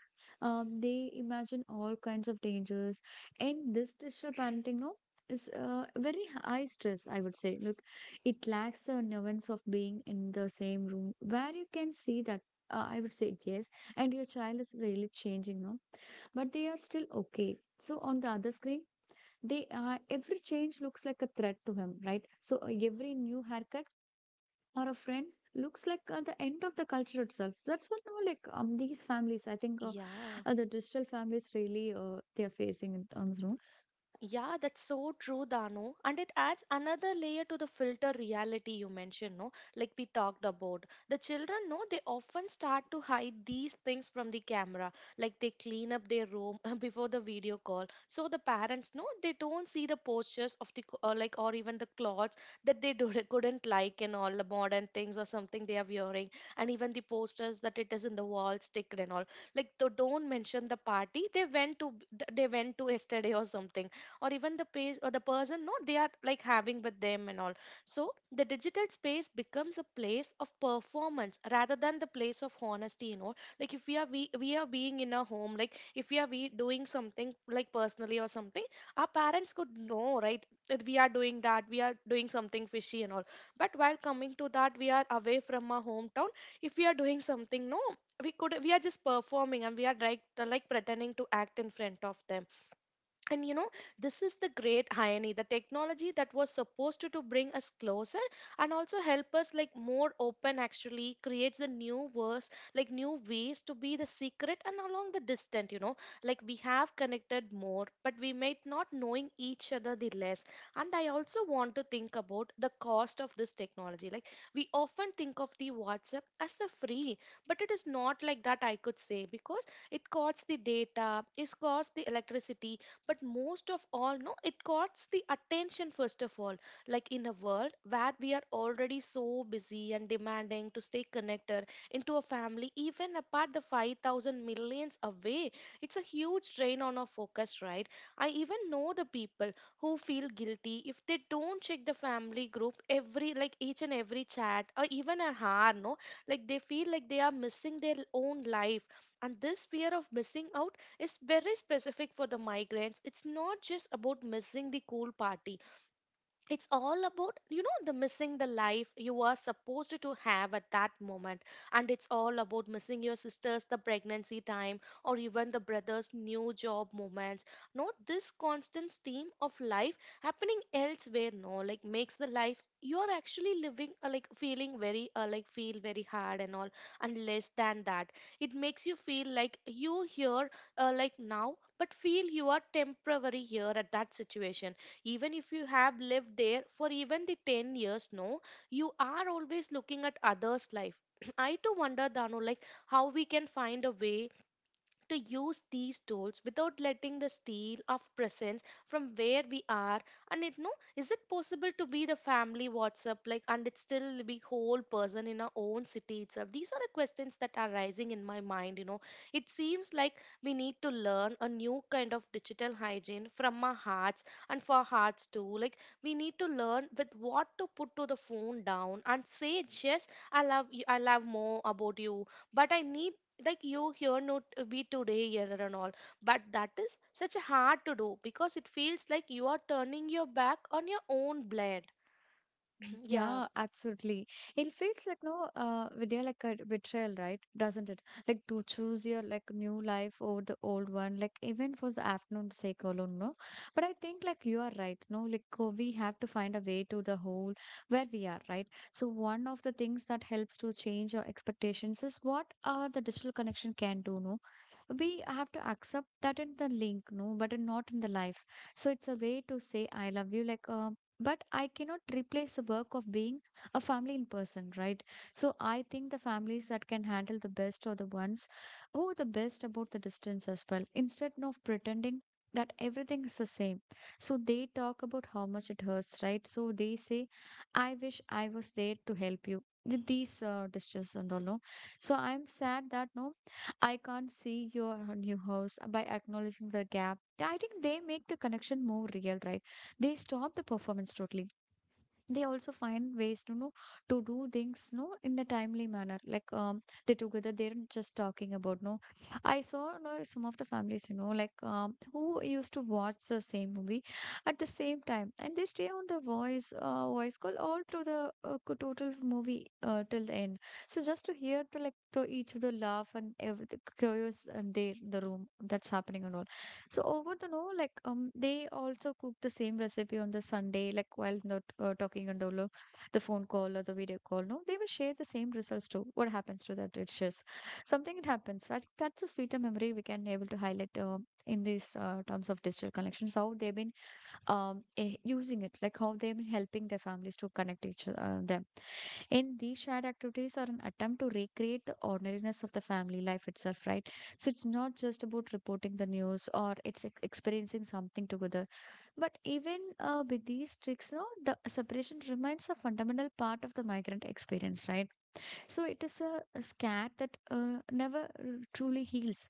um, They imagine all kinds of dangers, and this digital parenting no is uh, very high stress, I would say. Look, it lacks the nuance of being in the same room where you can see that. Uh, I would say yes, and your child is really changing now, but they are still okay. So on the other screen, they uh, every change looks like a threat to him, right? So uh, every new haircut or a friend looks like uh, the end of the culture itself. That's what now like um these families, I think uh,
Yeah.
uh, the digital families really uh, they are facing in terms, no?
Yeah, that's so true, Dano. And it adds another layer to the filter reality you mentioned, no? Like we talked about. The children, no, they often start to hide these things from the camera. Like they clean up their room [LAUGHS] before the video call. So the parents, no, they don't see the postures of the, or like, or even the clothes that they do, [LAUGHS] couldn't like, and all the modern things or something they are wearing. And even the posters that it is in the wall sticker and all. Like, they don't mention the party they went to, they went to yesterday or something, or even the pace or the person, no, they are like having with them and all. So the digital space becomes a place of performance rather than the place of honesty, you know like if we are we, we are being in a home, like if we are we doing something like personally or something. Our parents could know, right, that we are doing that we are doing something fishy and all. But while coming to that, we are away from our hometown. If we are doing something, no, we could we are just performing, and we are like like pretending to act in front of them. And you know This is the great irony. The technology that was supposed to, to bring us closer and also help us like more open actually creates the new verse, like new ways to be the secret and along the distant you know Like we have connected more, but we might not knowing each other the less. And I also want to think about the cost of this technology. Like we often think of the WhatsApp as the free, but it is not like that, I could say, because it costs the data, it costs the electricity, but most of all, no, it got the attention first of all. Like in a world where we are already so busy and demanding to stay connected into a family even apart the five thousand millions away, it's a huge drain on our focus, right? I even know the people who feel guilty if they don't check the family group every, like, each and every chat or even an hour, no. Like they feel like they are missing their own life. And this fear of missing out is very specific for the migrants. It's not just about missing the cool party, it's all about you know the missing the life you are supposed to have at that moment, and it's all about missing your sisters the pregnancy time or even the brothers new job moments. Not this constant stream of life happening elsewhere, no, like makes the life you are actually living, uh, like feeling very, uh, like feel very hard and all. And less than that, it makes you feel like you here, uh, like now, but feel you are temporary here at that situation. Even if you have lived there for even the ten years, no, you are always looking at others life. [CLEARS THROAT] I too wonder, Dano, like, how we can find a way to use these tools without letting the steal of presence from where we are. And it, no, is it possible to be the family WhatsApp like, and it still be whole person in our own city itself? These are the questions that are rising in my mind you know It seems like we need to learn a new kind of digital hygiene from our hearts, and for hearts too. Like we need to learn with what to put to the phone down and say, yes, I love you, I love more about you, but I need like you here, not be today here and all. But that is such a hard to do because it feels like you are turning your back on your own blood.
Mm,
[CLEARS THROAT] Yeah,
yeah, absolutely. It feels like no, uh, Vidya, like a betrayal, right? Doesn't it? Like to choose your like new life over the old one, like even for the afternoon sake alone, no. But I think like you are right, no. Like uh, we have to find a way to the whole where we are, right? So one of the things that helps to change our expectations is what uh the digital connection can do, no, we have to accept that in the link no but in- not in the life. So it's a way to say I love you like um but I cannot replace the work of being a family in person, right? So I think the families that can handle the best are the ones who are the best about the distance as well, instead of pretending that everything is the same. So they talk about how much it hurts, right? So they say I wish I was there to help you with these uh, distress and all no. So I'm sad that no, I can't see your uh, new house uh, by acknowledging the gap. I think they make the connection more real, right? They stop the performance totally. They also find ways to know to do things no in a timely manner like um they together, they're not just talking about no. I saw no, some of the families, you know, like um who used to watch the same movie at the same time, and they stay on the voice uh, voice call all through the uh, co- total movie uh, till the end. So just to hear the like the each of the laugh and everything chaos and there in the room that's happening and all. So over the no, like um, they also cook the same recipe on the Sunday, like while not uh, talking on the lo- the phone call or the video call. No, they will share the same results too. What happens to that dishes? Something it happens. I think that's a sweeter memory we can able to highlight um, in these uh, terms of digital connections. How they've been um eh, using it, like how they've been helping their families to connect each uh, them. In these shared activities are an attempt to recreate the ordinariness of the family life itself, right? So it's not just about reporting the news or it's ex- experiencing something together. But even uh, with these tricks, no, the separation remains a fundamental part of the migrant experience, right? So it is a, a scar that uh, never r- truly heals.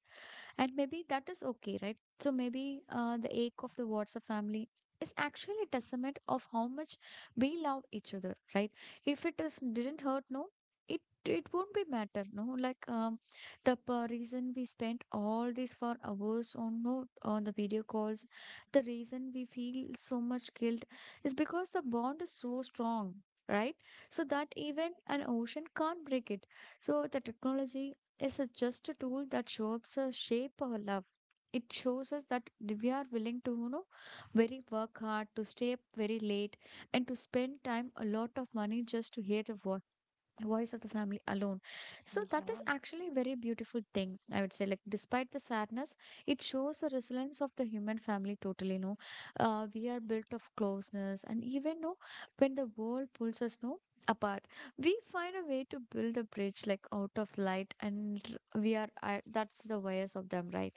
And maybe that is okay, right? So maybe uh, the ache of the WhatsApp family is actually a testament of how much we love each other, right? If it is didn't hurt, no, it it won't be matter, no. Like um, the p- reason we spent all these for hours on no on the video calls, the reason we feel so much guilt is because the bond is so strong, right? So that even an ocean can't break it. So the technology is a, just a tool that shows us shape our love. It shows us that we are willing to, you know, very work hard, to stay up very late, and to spend time a lot of money just to hear the voice voice of the family alone. So that is
yeah.
actually a very beautiful thing, I would say, like despite the sadness. It shows the resilience of the human family totally, no. Uh, we are built of closeness and even, no, when the world pulls us, no, apart, we find a way to build a bridge like out of light and r- we are I that's the bias of them, right?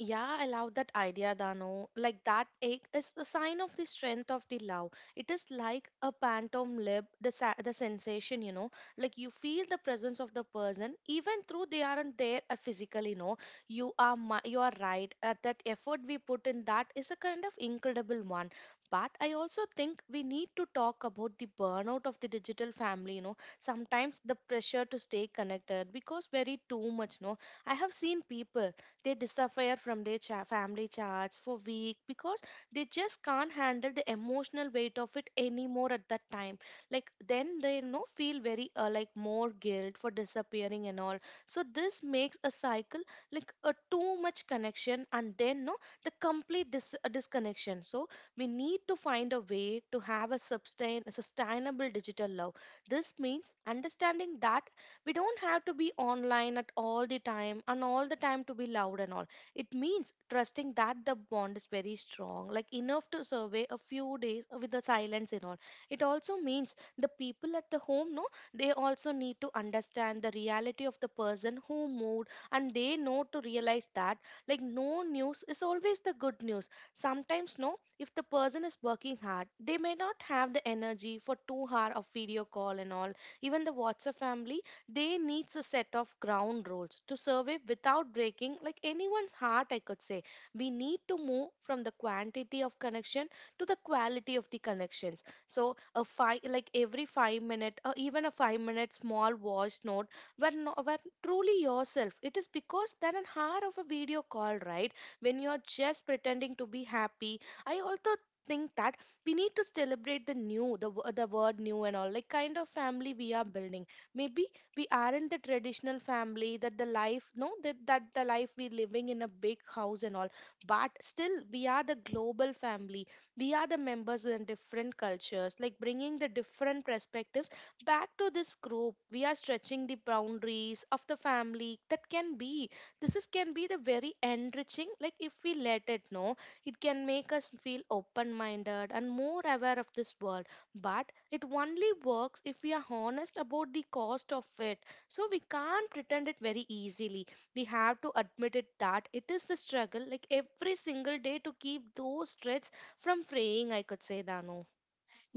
Yeah, I love that idea, Dano. Like that ache is a sign of the strength of the love. It is like a phantom lip, the sa- the sensation, you know. Like you feel the presence of the person, even though they aren't there, uh, physically. No, you are mi- you are right. Uh, that effort we put in, that is a kind of incredible one. But I also think we need to talk about the burnout of the digital family. You know, sometimes the pressure to stay connected because very too much. No, I have seen people, they disappear from their cha- family charts for week because they just can't handle the emotional weight of it anymore at that time. Like then they, you know, feel very, uh, like more guilt for disappearing and all. So this makes a cycle, like a too much connection and then, no, the complete dis- uh, disconnection So we need to find a way to have a sustain a sustainable digital love. This means understanding that we don't have to be online at all the time and all the time to be loud and all. It means trusting that the bond is very strong like enough to survey a few days with the silence and all. It also means the people at the home, no, they also need to understand the reality of the person who moved, and they know to realize that, like, no news is always the good news sometimes, no, if the person is working hard, they may not have the energy for two hour of video call and all. Even the WhatsApp family, they needs a set of ground rules to survive without breaking like anyone's heart, I could say. We need to move from the quantity of connection to the quality of the connections. So a five, like every five minute or even a five minute small voice note were, no, were truly yourself, it is because than an hour of a video call, right, when you're just pretending to be happy. I also think that we need to celebrate the new the, wo- the word new and all, like kind of family we are building. Maybe we aren't the traditional family, that the life, no, that, that the life we living in a big house and all, but still we are the global family. We are the members in different cultures, like bringing the different perspectives back to this group. We are stretching the boundaries of the family that can be. This is can be the very enriching, like if we let it know. It can make us feel open minded and more aware of this world. But it only works if we are honest about the cost of it. So we can't pretend it very easily. We have to admit it that it is the struggle, like every single day, to keep those threads from fraying, I could say, Dano.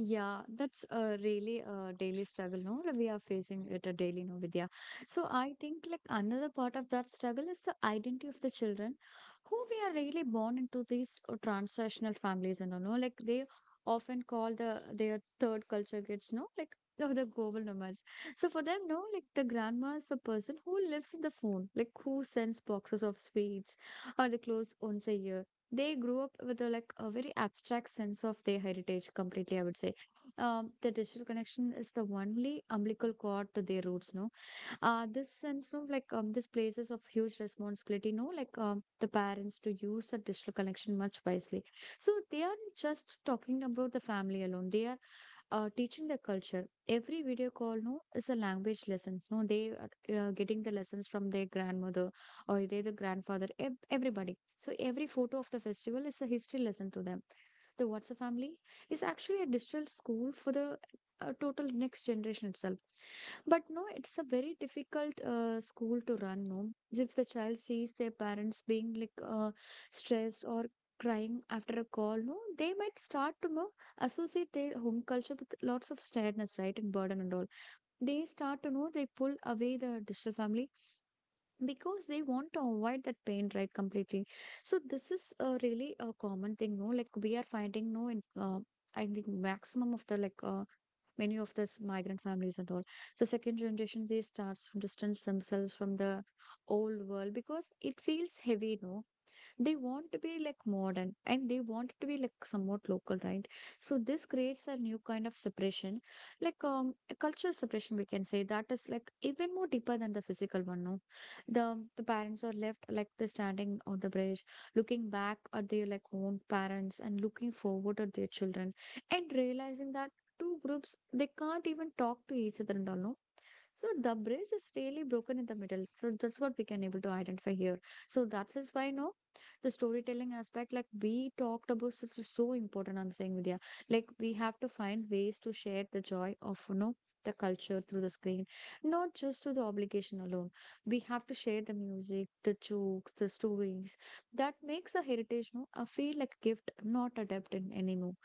Yeah, that's a really a daily struggle, no? Like, we are facing it a daily, no, Vidya. So I think like another part of that struggle is the identity of the children who we are really born into these uh, transnational families and all, no? Like they often call the their third culture kids, no? Like [LAUGHS] the, the global nomads. So for them, no, like the grandma is the person who lives in the phone, like who sends boxes of sweets or the clothes once a year. They grew up with a like a very abstract sense of their heritage completely, I would say. Um, the digital connection is the only umbilical cord to their roots, no. Uh, this sense of like, um, this places of huge responsibility, no, like, um, the parents to use the digital connection much wisely. So they are just talking about the family alone, they are uh, teaching the culture. Every video call, no, is a language lessons. No, they are uh, getting the lessons from their grandmother or they the grandfather. ev- Everybody. So every photo of the festival is a history lesson to them. The What's a Family is actually a digital school for the uh, total next generation itself. But no, it's a very difficult uh, school to run, no? If the child sees their parents being like uh, stressed or crying after a call, no, they might start to know associate their home culture with lots of sadness, right, and burden and all. They start to know they pull away the digital family because they want to avoid that pain, right, completely. So this is uh, really a common thing, no? Like we are finding, no, in, uh, I think maximum of the like, uh, many of this migrant families and all, the second generation they starts to distance themselves from the old world because it feels heavy, no. They want to be like modern and they want to be like somewhat local, right? So this creates a new kind of separation, like, um a cultural separation we can say, that is like even more deeper than the physical one, no. the the parents are left like the standing on the bridge, looking back at their like own parents and looking forward at their children, and realizing that two groups they can't even talk to each other and all, no. So the bridge is really broken in the middle. So that's what we can able to identify here. So that is why, no, the storytelling aspect, like we talked about, such is so important. I'm saying, Vidya, like we have to find ways to share the joy of, you know, the culture through the screen, not just through the obligation alone. We have to share the music, the jokes, the stories. That makes a heritage, no, a feel like a gift, not a debt in anymore.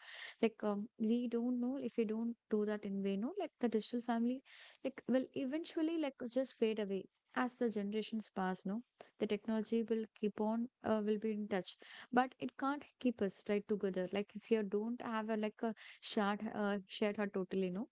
Like, um, we don't know if we don't do that in way, no, like the digital family like will eventually like just fade away as the generations pass, no. The technology will keep on, uh, will be in touch, but it can't keep us right together, like if you don't have a like a shared uh, shared heart totally, no.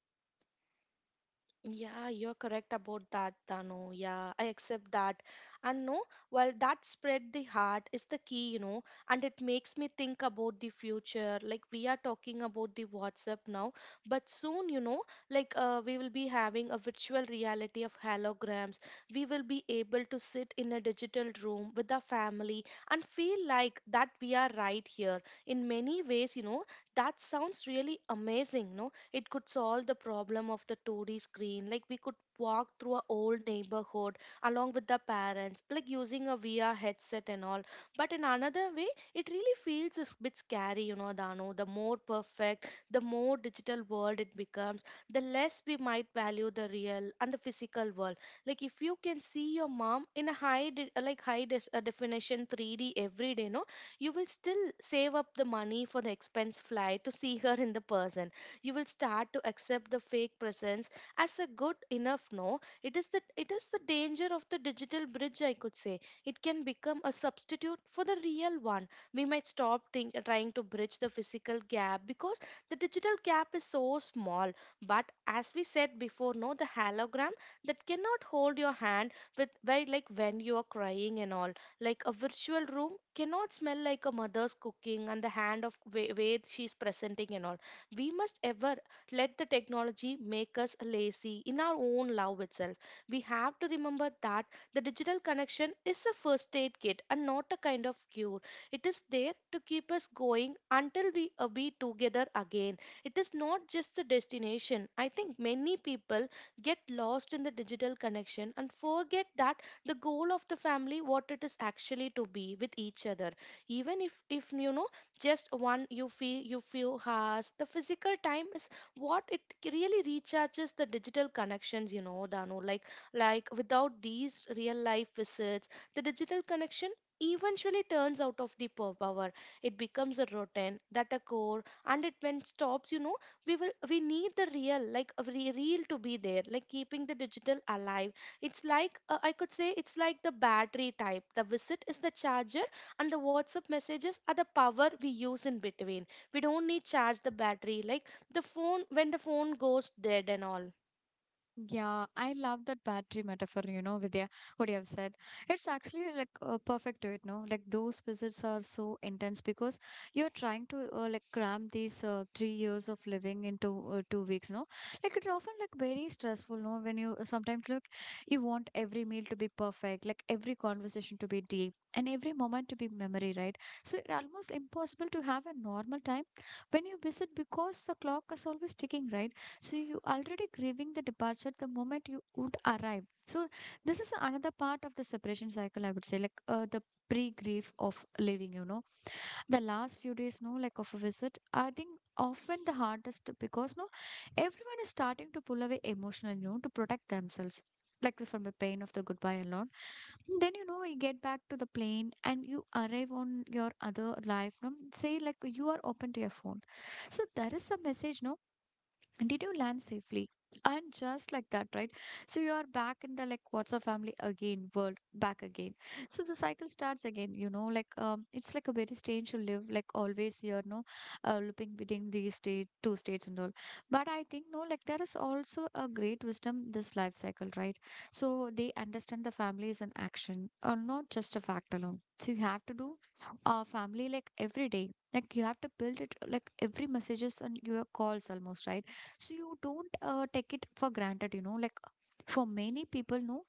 Yeah, you're correct about that, Dano. Yeah, I accept that. And no, well, that spread the heart is the key, you know, and it makes me think about the future. Like, we are talking about the WhatsApp now, but soon, you know, like, uh, we will be having a virtual reality of holograms. We will be able to sit in a digital room with our family and feel like that we are right here. In many ways, you know, that sounds really amazing, no? It could solve the problem of the two D screen. Like we could walk through a old neighborhood along with the parents, like using a V R headset and all. But in another way, it really feels a bit scary, you know, Dano. The more perfect, the more digital world it becomes, the less we might value the real and the physical world. Like if you can see your mom in a high, de- like high des- uh, definition three D every day, no, you will still save up the money for the expense flight to see her in the person. You will start to accept the fake presence as a good enough, no, it is the it is the danger of the digital bridge, I could say. It can become a substitute for the real one. We might stop think, trying to bridge the physical gap because the digital gap is so small. But as we said before, no, the hologram, that cannot hold your hand with by, like, when you are crying and all. Like a virtual room cannot smell like a mother's cooking and the hand of way, way she's presenting and all. We must ever let the technology make us lazy in our own love itself. We have to remember that the digital connection is a first aid kit and not a kind of cure. It is there to keep us going until we uh, be together again. It is not just the destination. I think many people get lost in the digital connection and forget that the goal of the family what it is actually to be with each other, even if if you know, just one you feel you few has the physical time is what it really recharges the digital connections, you know, Dano. like like without these real life visits, the digital connection eventually turns out of the pow- power. It becomes a routine that a core, and it when stops, you know, we will we need the real, like a re- real to be there, like keeping the digital alive. It's like, uh, I could say, it's like the battery type, the visit is the charger, and the WhatsApp messages are the power we use in between. We don't need charge the battery, like the phone, when the phone goes dead and all.
Yeah, I love that battery metaphor, you know, Vidya, what you have said. It's actually like uh, perfect to it, no? Like those visits are so intense because you're trying to, uh, like cram these uh, three years of living into uh, two weeks, no? Like it's often like very stressful, no? When you sometimes look, you want every meal to be perfect, like every conversation to be deep and every moment to be memory, right? So it's almost impossible to have a normal time when you visit because the clock is always ticking, right? So you already grieving the departure the moment you would arrive. So this is another part of the separation cycle, I would say, like, uh, the pre-grief of leaving, you know. The last few days, no, like of a visit, I think often the hardest because, no, everyone is starting to pull away emotionally, you know, to protect themselves. Like from the pain of the goodbye and all. And then you know you get back to the plane and you arrive on your other life. No? Say like you are open to your phone. So there is some message, no? Did you land safely? And just like that, right? So you are back in the like what's a family again world back again. So the cycle starts again, you know. Like, um it's like a very strange to live like always you're, no, uh, looping between these state two states and all. But I think, no, like there is also a great wisdom this life cycle, right? So they understand the family is an action or not just a fact alone. So you have to do a family like every day, like you have to build it like every messages and your calls almost, right? So you don't uh, take it for granted, you know. Like for many people, no,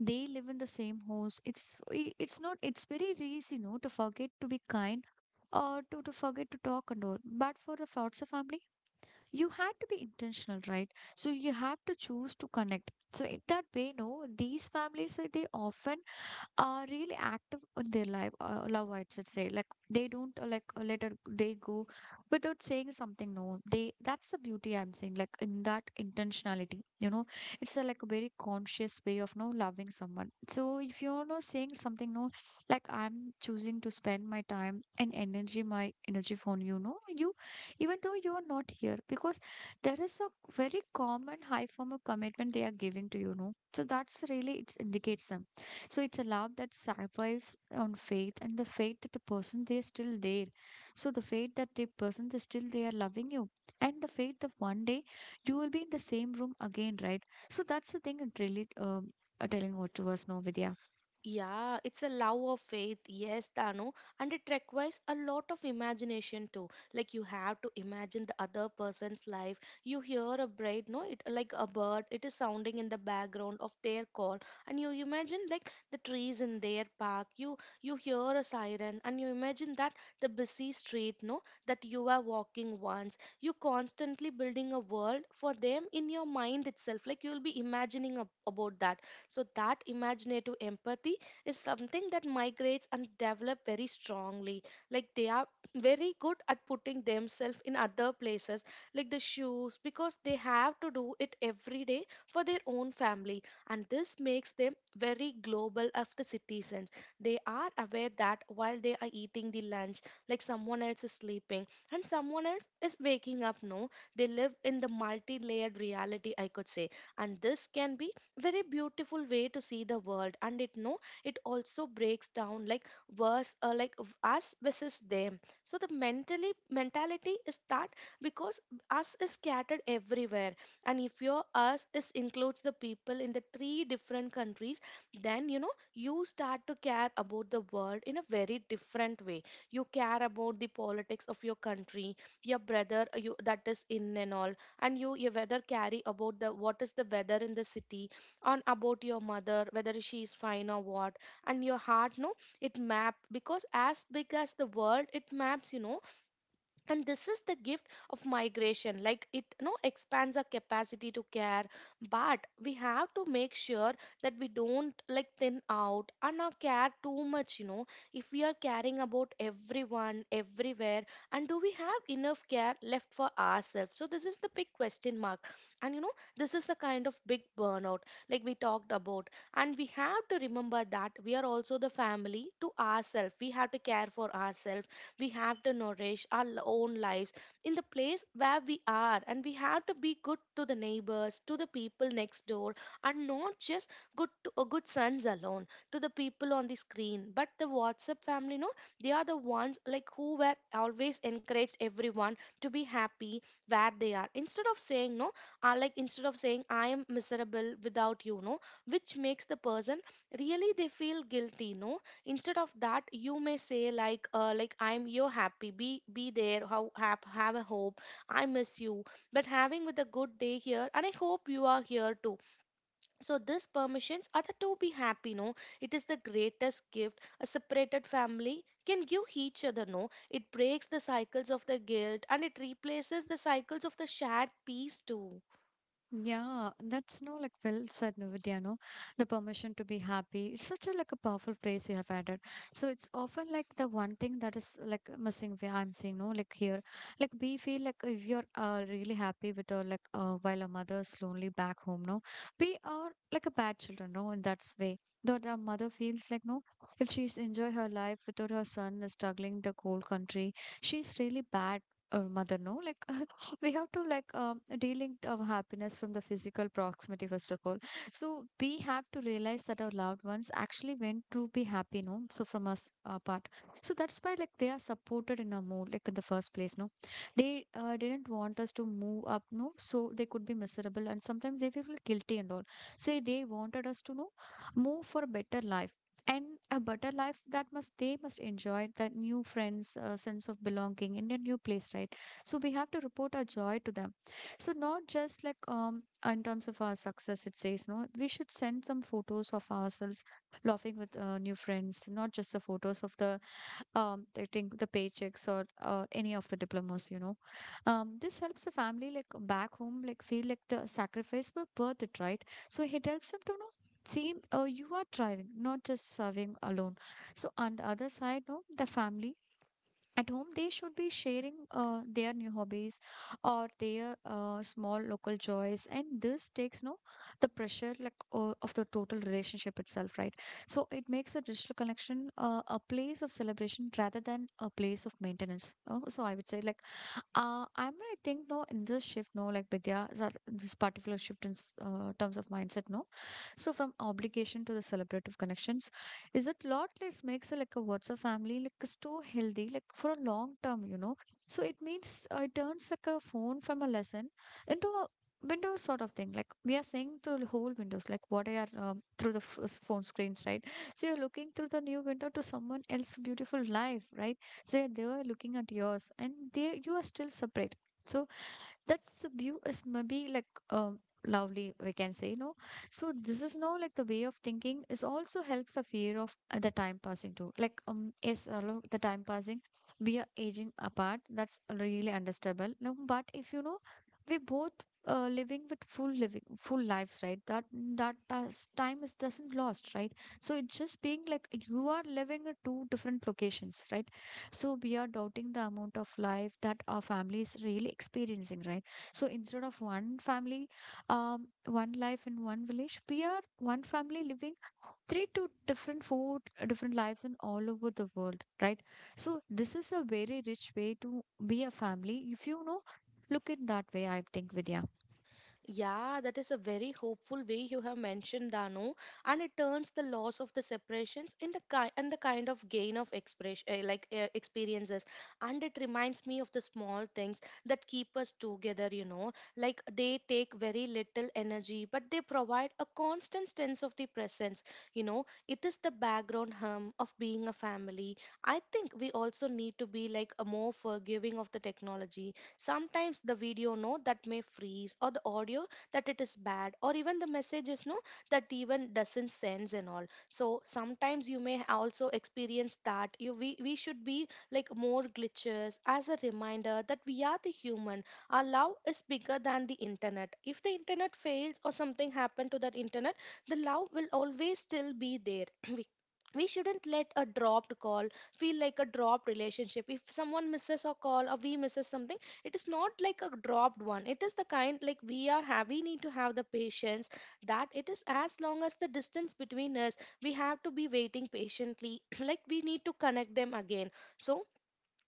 they live in the same house, it's i- it's not it's very easy, no, to forget to be kind or to, to forget to talk and all. But for the foster family you had to be intentional, right? So you have to choose to connect. So in that way, no, these families, uh, they often are really active in their life, uh, love, I should say. Like they don't, uh, like, uh, let a day go without saying something. No, they that's the beauty I'm saying. Like in that intentionality, you know, it's a, like a very conscious way of, no, loving someone. So if you're not saying something, no, like I'm choosing to spend my time and energy, my energy for you, know, you, even though you are not here, because there is a very common high form of commitment they are giving to you, know. So that's really it indicates them. So it's a love that survives on faith, and the faith that the person they are still there. So the faith that the person they still they are loving you. And the faith that one day you will be in the same room again, right? So that's the thing it really, um, uh, telling what to us now, Vidya.
Yeah, it's a love of faith, yes, Dano, and it requires a lot of imagination too. Like you have to imagine the other person's life. You hear a bird, no, it like a bird, it is sounding in the background of their call, and you imagine like the trees in their park. You you hear a siren, and you imagine that the busy street, no, that you are walking once. You constantly building a world for them in your mind itself. Like you'll be imagining ab- about that, so that imaginative empathy is something that migrates and develop very strongly. Like they are very good at putting themselves in other places, like the shoes, because they have to do it every day for their own family. And this makes them very global of the citizens. They are aware that while they are eating the lunch, like someone else is sleeping and someone else is waking up, no? They live in the multi layered reality, I could say. And this can be very beautiful way to see the world and it no it also breaks down like verse uh, like v- us versus them. So the mentally mentality is that because us is scattered everywhere, and if your us is includes the people in the three different countries, then you know you start to care about the world in a very different way. You care about the politics of your country, your brother uh, you that is in and all. And you, you whether carry about the what is the weather in the city on about your mother whether she is fine or what. And your heart no, it map because as big as the world it maps, you know. And this is the gift of migration, like it you know expands our capacity to care. But we have to make sure that we don't like thin out and our care too much, you know. If we are caring about everyone everywhere, and do we have enough care left for ourselves? So this is the big question mark. And you know this is a kind of big burnout, like we talked about. And we have to remember that we are also the family to ourselves. We have to care for ourselves. We have to nourish our l- own lives in the place where we are, and we have to be good to the neighbors, to the people next door. And not just good to uh, good sons alone, to the people on the screen but the WhatsApp family, no. They are the ones like who were always encouraged everyone to be happy where they are, instead of saying no, uh, like instead of saying I am miserable without you, no, which makes the person really they feel guilty, no. Instead of that you may say like uh, like I'm you're happy, be be there, how have, have a hope. I miss you, but having with a good day here, and I hope you are here too. So this permissions are the to be happy, no. It is the greatest gift a separated family can give each other, no. It breaks the cycles of the guilt, and it replaces the cycles of the shared peace too.
Yeah, that's no like well said, Navitya, no? The permission to be happy. It's such a like a powerful phrase you have added. So it's often like the one thing that is like missing where I'm saying, no, like here. Like we feel like if you're uh, really happy with our like, uh, while our mother's lonely back home, no, we are like a bad children, no, in that way. Though the mother feels like, no, if she's enjoy her life without her son is struggling the cold country, she's really bad or mother, no, like [LAUGHS] we have to like, um delink our happiness from the physical proximity first of all. So we have to realize that our loved ones actually went to be happy, no, so from us, uh, part. So that's why like they are supported in a mood like in the first place, no. They, uh, didn't want us to move up, no, so they could be miserable and sometimes they feel guilty and all. Say they wanted us to know move for a better life, and a better life that must they must enjoy that new friends, uh, sense of belonging in a new place, right? So we have to report our joy to them. So not just like, um in terms of our success, it says, no, we should send some photos of ourselves laughing with, uh, new friends, not just the photos of the, um, I the paychecks or, uh, any of the diplomas, you know. Um, this helps the family like back home like feel like the sacrifice was worth it, right? So it helps them to know see, uh, you are thriving, not just serving alone. So on the other side, no, the family at home, they should be sharing uh, their new hobbies or their uh, small local joys, and this takes, no, the pressure like, uh, of the total relationship itself, right? So it makes a digital connection, uh, a place of celebration rather than a place of maintenance. Uh, so I would say like, uh, I'm I think, no, in this shift, no, like Vidya that- this particular shift in s- uh, terms of mindset, no, so from obligation to the celebrative connections, is it lot less makes a, like a WhatsApp family like is too healthy like for a long term, you know. So it means, uh, it turns like a phone from a lesson into a Windows sort of thing. Like we are seeing through the whole Windows, like what I are um, through the f- s- phone screens, right? So you're looking through the new window to someone else's beautiful life, right? So they are looking at yours, and they you are still separate. So that's the view is maybe like uh, lovely, we can say, no. So this is now like the way of thinking is also helps the fear of uh, the time passing too, like um yes, along the time passing we are aging apart. That's really understandable, no, but if you know we both uh, living with full living full lives, right? That that does, time is doesn't lost, right? So it's just being like you are living at two different locations, right? So we are doubting the amount of life that our family is really experiencing, right? So instead of one family, um, one life in one village, we are one family living three to different four uh, different lives in all over the world, right? So this is a very rich way to be a family if you know, look at that way, I think, Vidya.
Yeah, that is a very hopeful way you have mentioned, Dano, and it turns the loss of the separations in the kind and the kind of gain of expression, uh, like uh, experiences, and it reminds me of the small things that keep us together. You know, like they take very little energy, but they provide a constant sense of the presence. You know, it is the background hum of being a family. I think we also need to be like a more forgiving of the technology. Sometimes the video note that may freeze, or the audio that it is bad, or even the messages, no, that even doesn't sense and all. So sometimes you may also experience that you we, we should be like more glitches as a reminder that we are the human. Our love is bigger than the internet. If the internet fails or something happened to that internet, the love will always still be there. [CLEARS THROAT] we we shouldn't let a dropped call feel like a dropped relationship. If someone misses a call or we misses something, it is not like a dropped one. It is the kind like we are have we need to have the patience, that it is as long as the distance between us, we have to be waiting patiently. [CLEARS THROAT] Like we need to connect them again. So,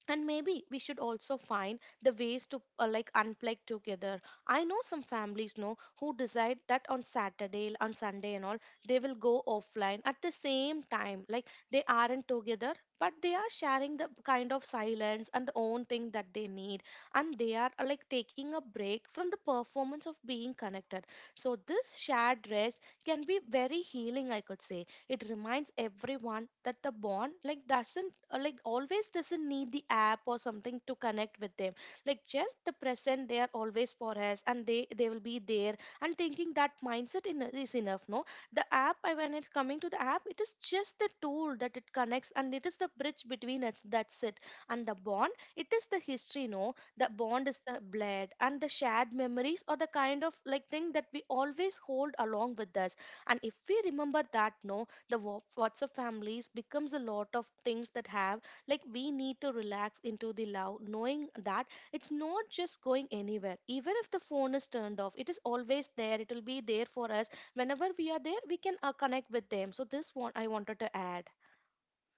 and maybe we should also find the ways to uh, like unplug together. I know some families know who decide that on Saturday on Sunday and all, they will go offline at the same time. Like they aren't together, but they are sharing the kind of silence and the own thing that they need. And they are uh, like taking a break from the performance of being connected. So this shared rest can be very healing, I could say. It reminds everyone that the bond like doesn't uh, like always doesn't need the app or something to connect with them. Like just the present, they are always for us, and they they will be there. And thinking that mindset in, is enough, no. The app I- when it's coming to the app, it is just the tool that it connects, and it is the bridge between us, that's it. And the bond, it is the history, no. The bond is the blood and the shared memories, or the kind of like thing that we always hold along with us. And if we remember that, no, the wa- WhatsApp families becomes a lot of things that have, like we need to relax into the love, knowing that it's not just going anywhere. Even if the phone is turned off, it is always there. It will be there for us whenever we are there. We can uh, connect with them. So this one I wanted to add.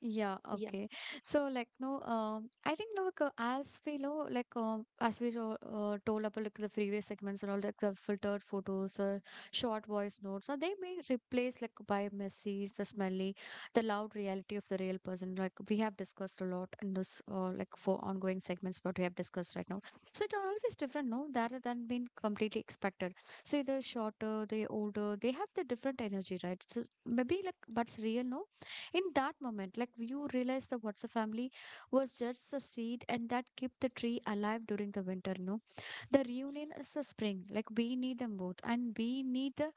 Yeah,
Yeah,
okay. So like, no, um, I think, no, like, uh, as we know, like um, as we to- uh, told about like the previous segments and all, like the filtered photos, uh, short voice notes, or they may replace like by messy, the smelly, the loud reality of the real person. Like we have discussed a lot in this, uh, like for ongoing segments, what we have discussed right now. So it are always different, no, that are than being completely expected. So they shorter, they older, they have the different energy, right? So maybe like, but it's real, no, in that moment like you realize the what's a family was just a seed and that kept the tree alive during the winter you know The reunion is the spring, like we need them both, and we need the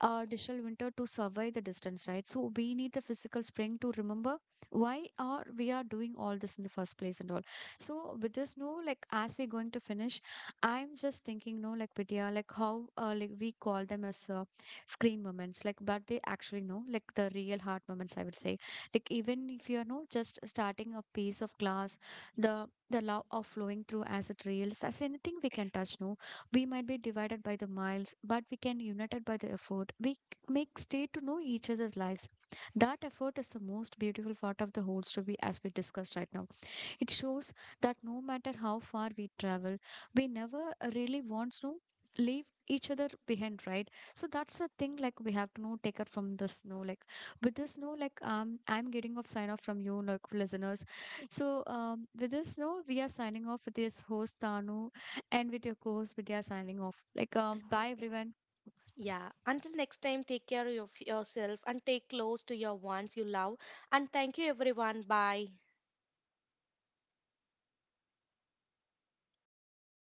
uh, digital winter to survive the distance, right? So we need the physical spring to remember why are we are doing all this in the first place and all. So with this, no, like, as we're going to finish, I'm just thinking, no, like, Vidya, like how uh, like we call them as uh, screen moments, like, but they actually know like the real heart moments, I would say. Like, even if you're no just starting a piece of glass, the the love of flowing through as it reels as anything we can touch, no. We might be divided by the miles, but we can united by the effort we c- make stay to know each other's lives. That effort is the most beautiful part of the whole story, as we discussed right now. It shows that no matter how far we travel, we never really want to leave each other behind, right? So that's the thing, like we have to know take it from the snow, like with the snow, like um I'm getting off sign off from you, like listeners. So um with the snow, we are signing off with this host Tanu and with your co-host Vidya, signing off, like, um bye, everyone.
yeah. Until next time, take care of yourself and take close to your ones you love. And thank you, everyone. Bye.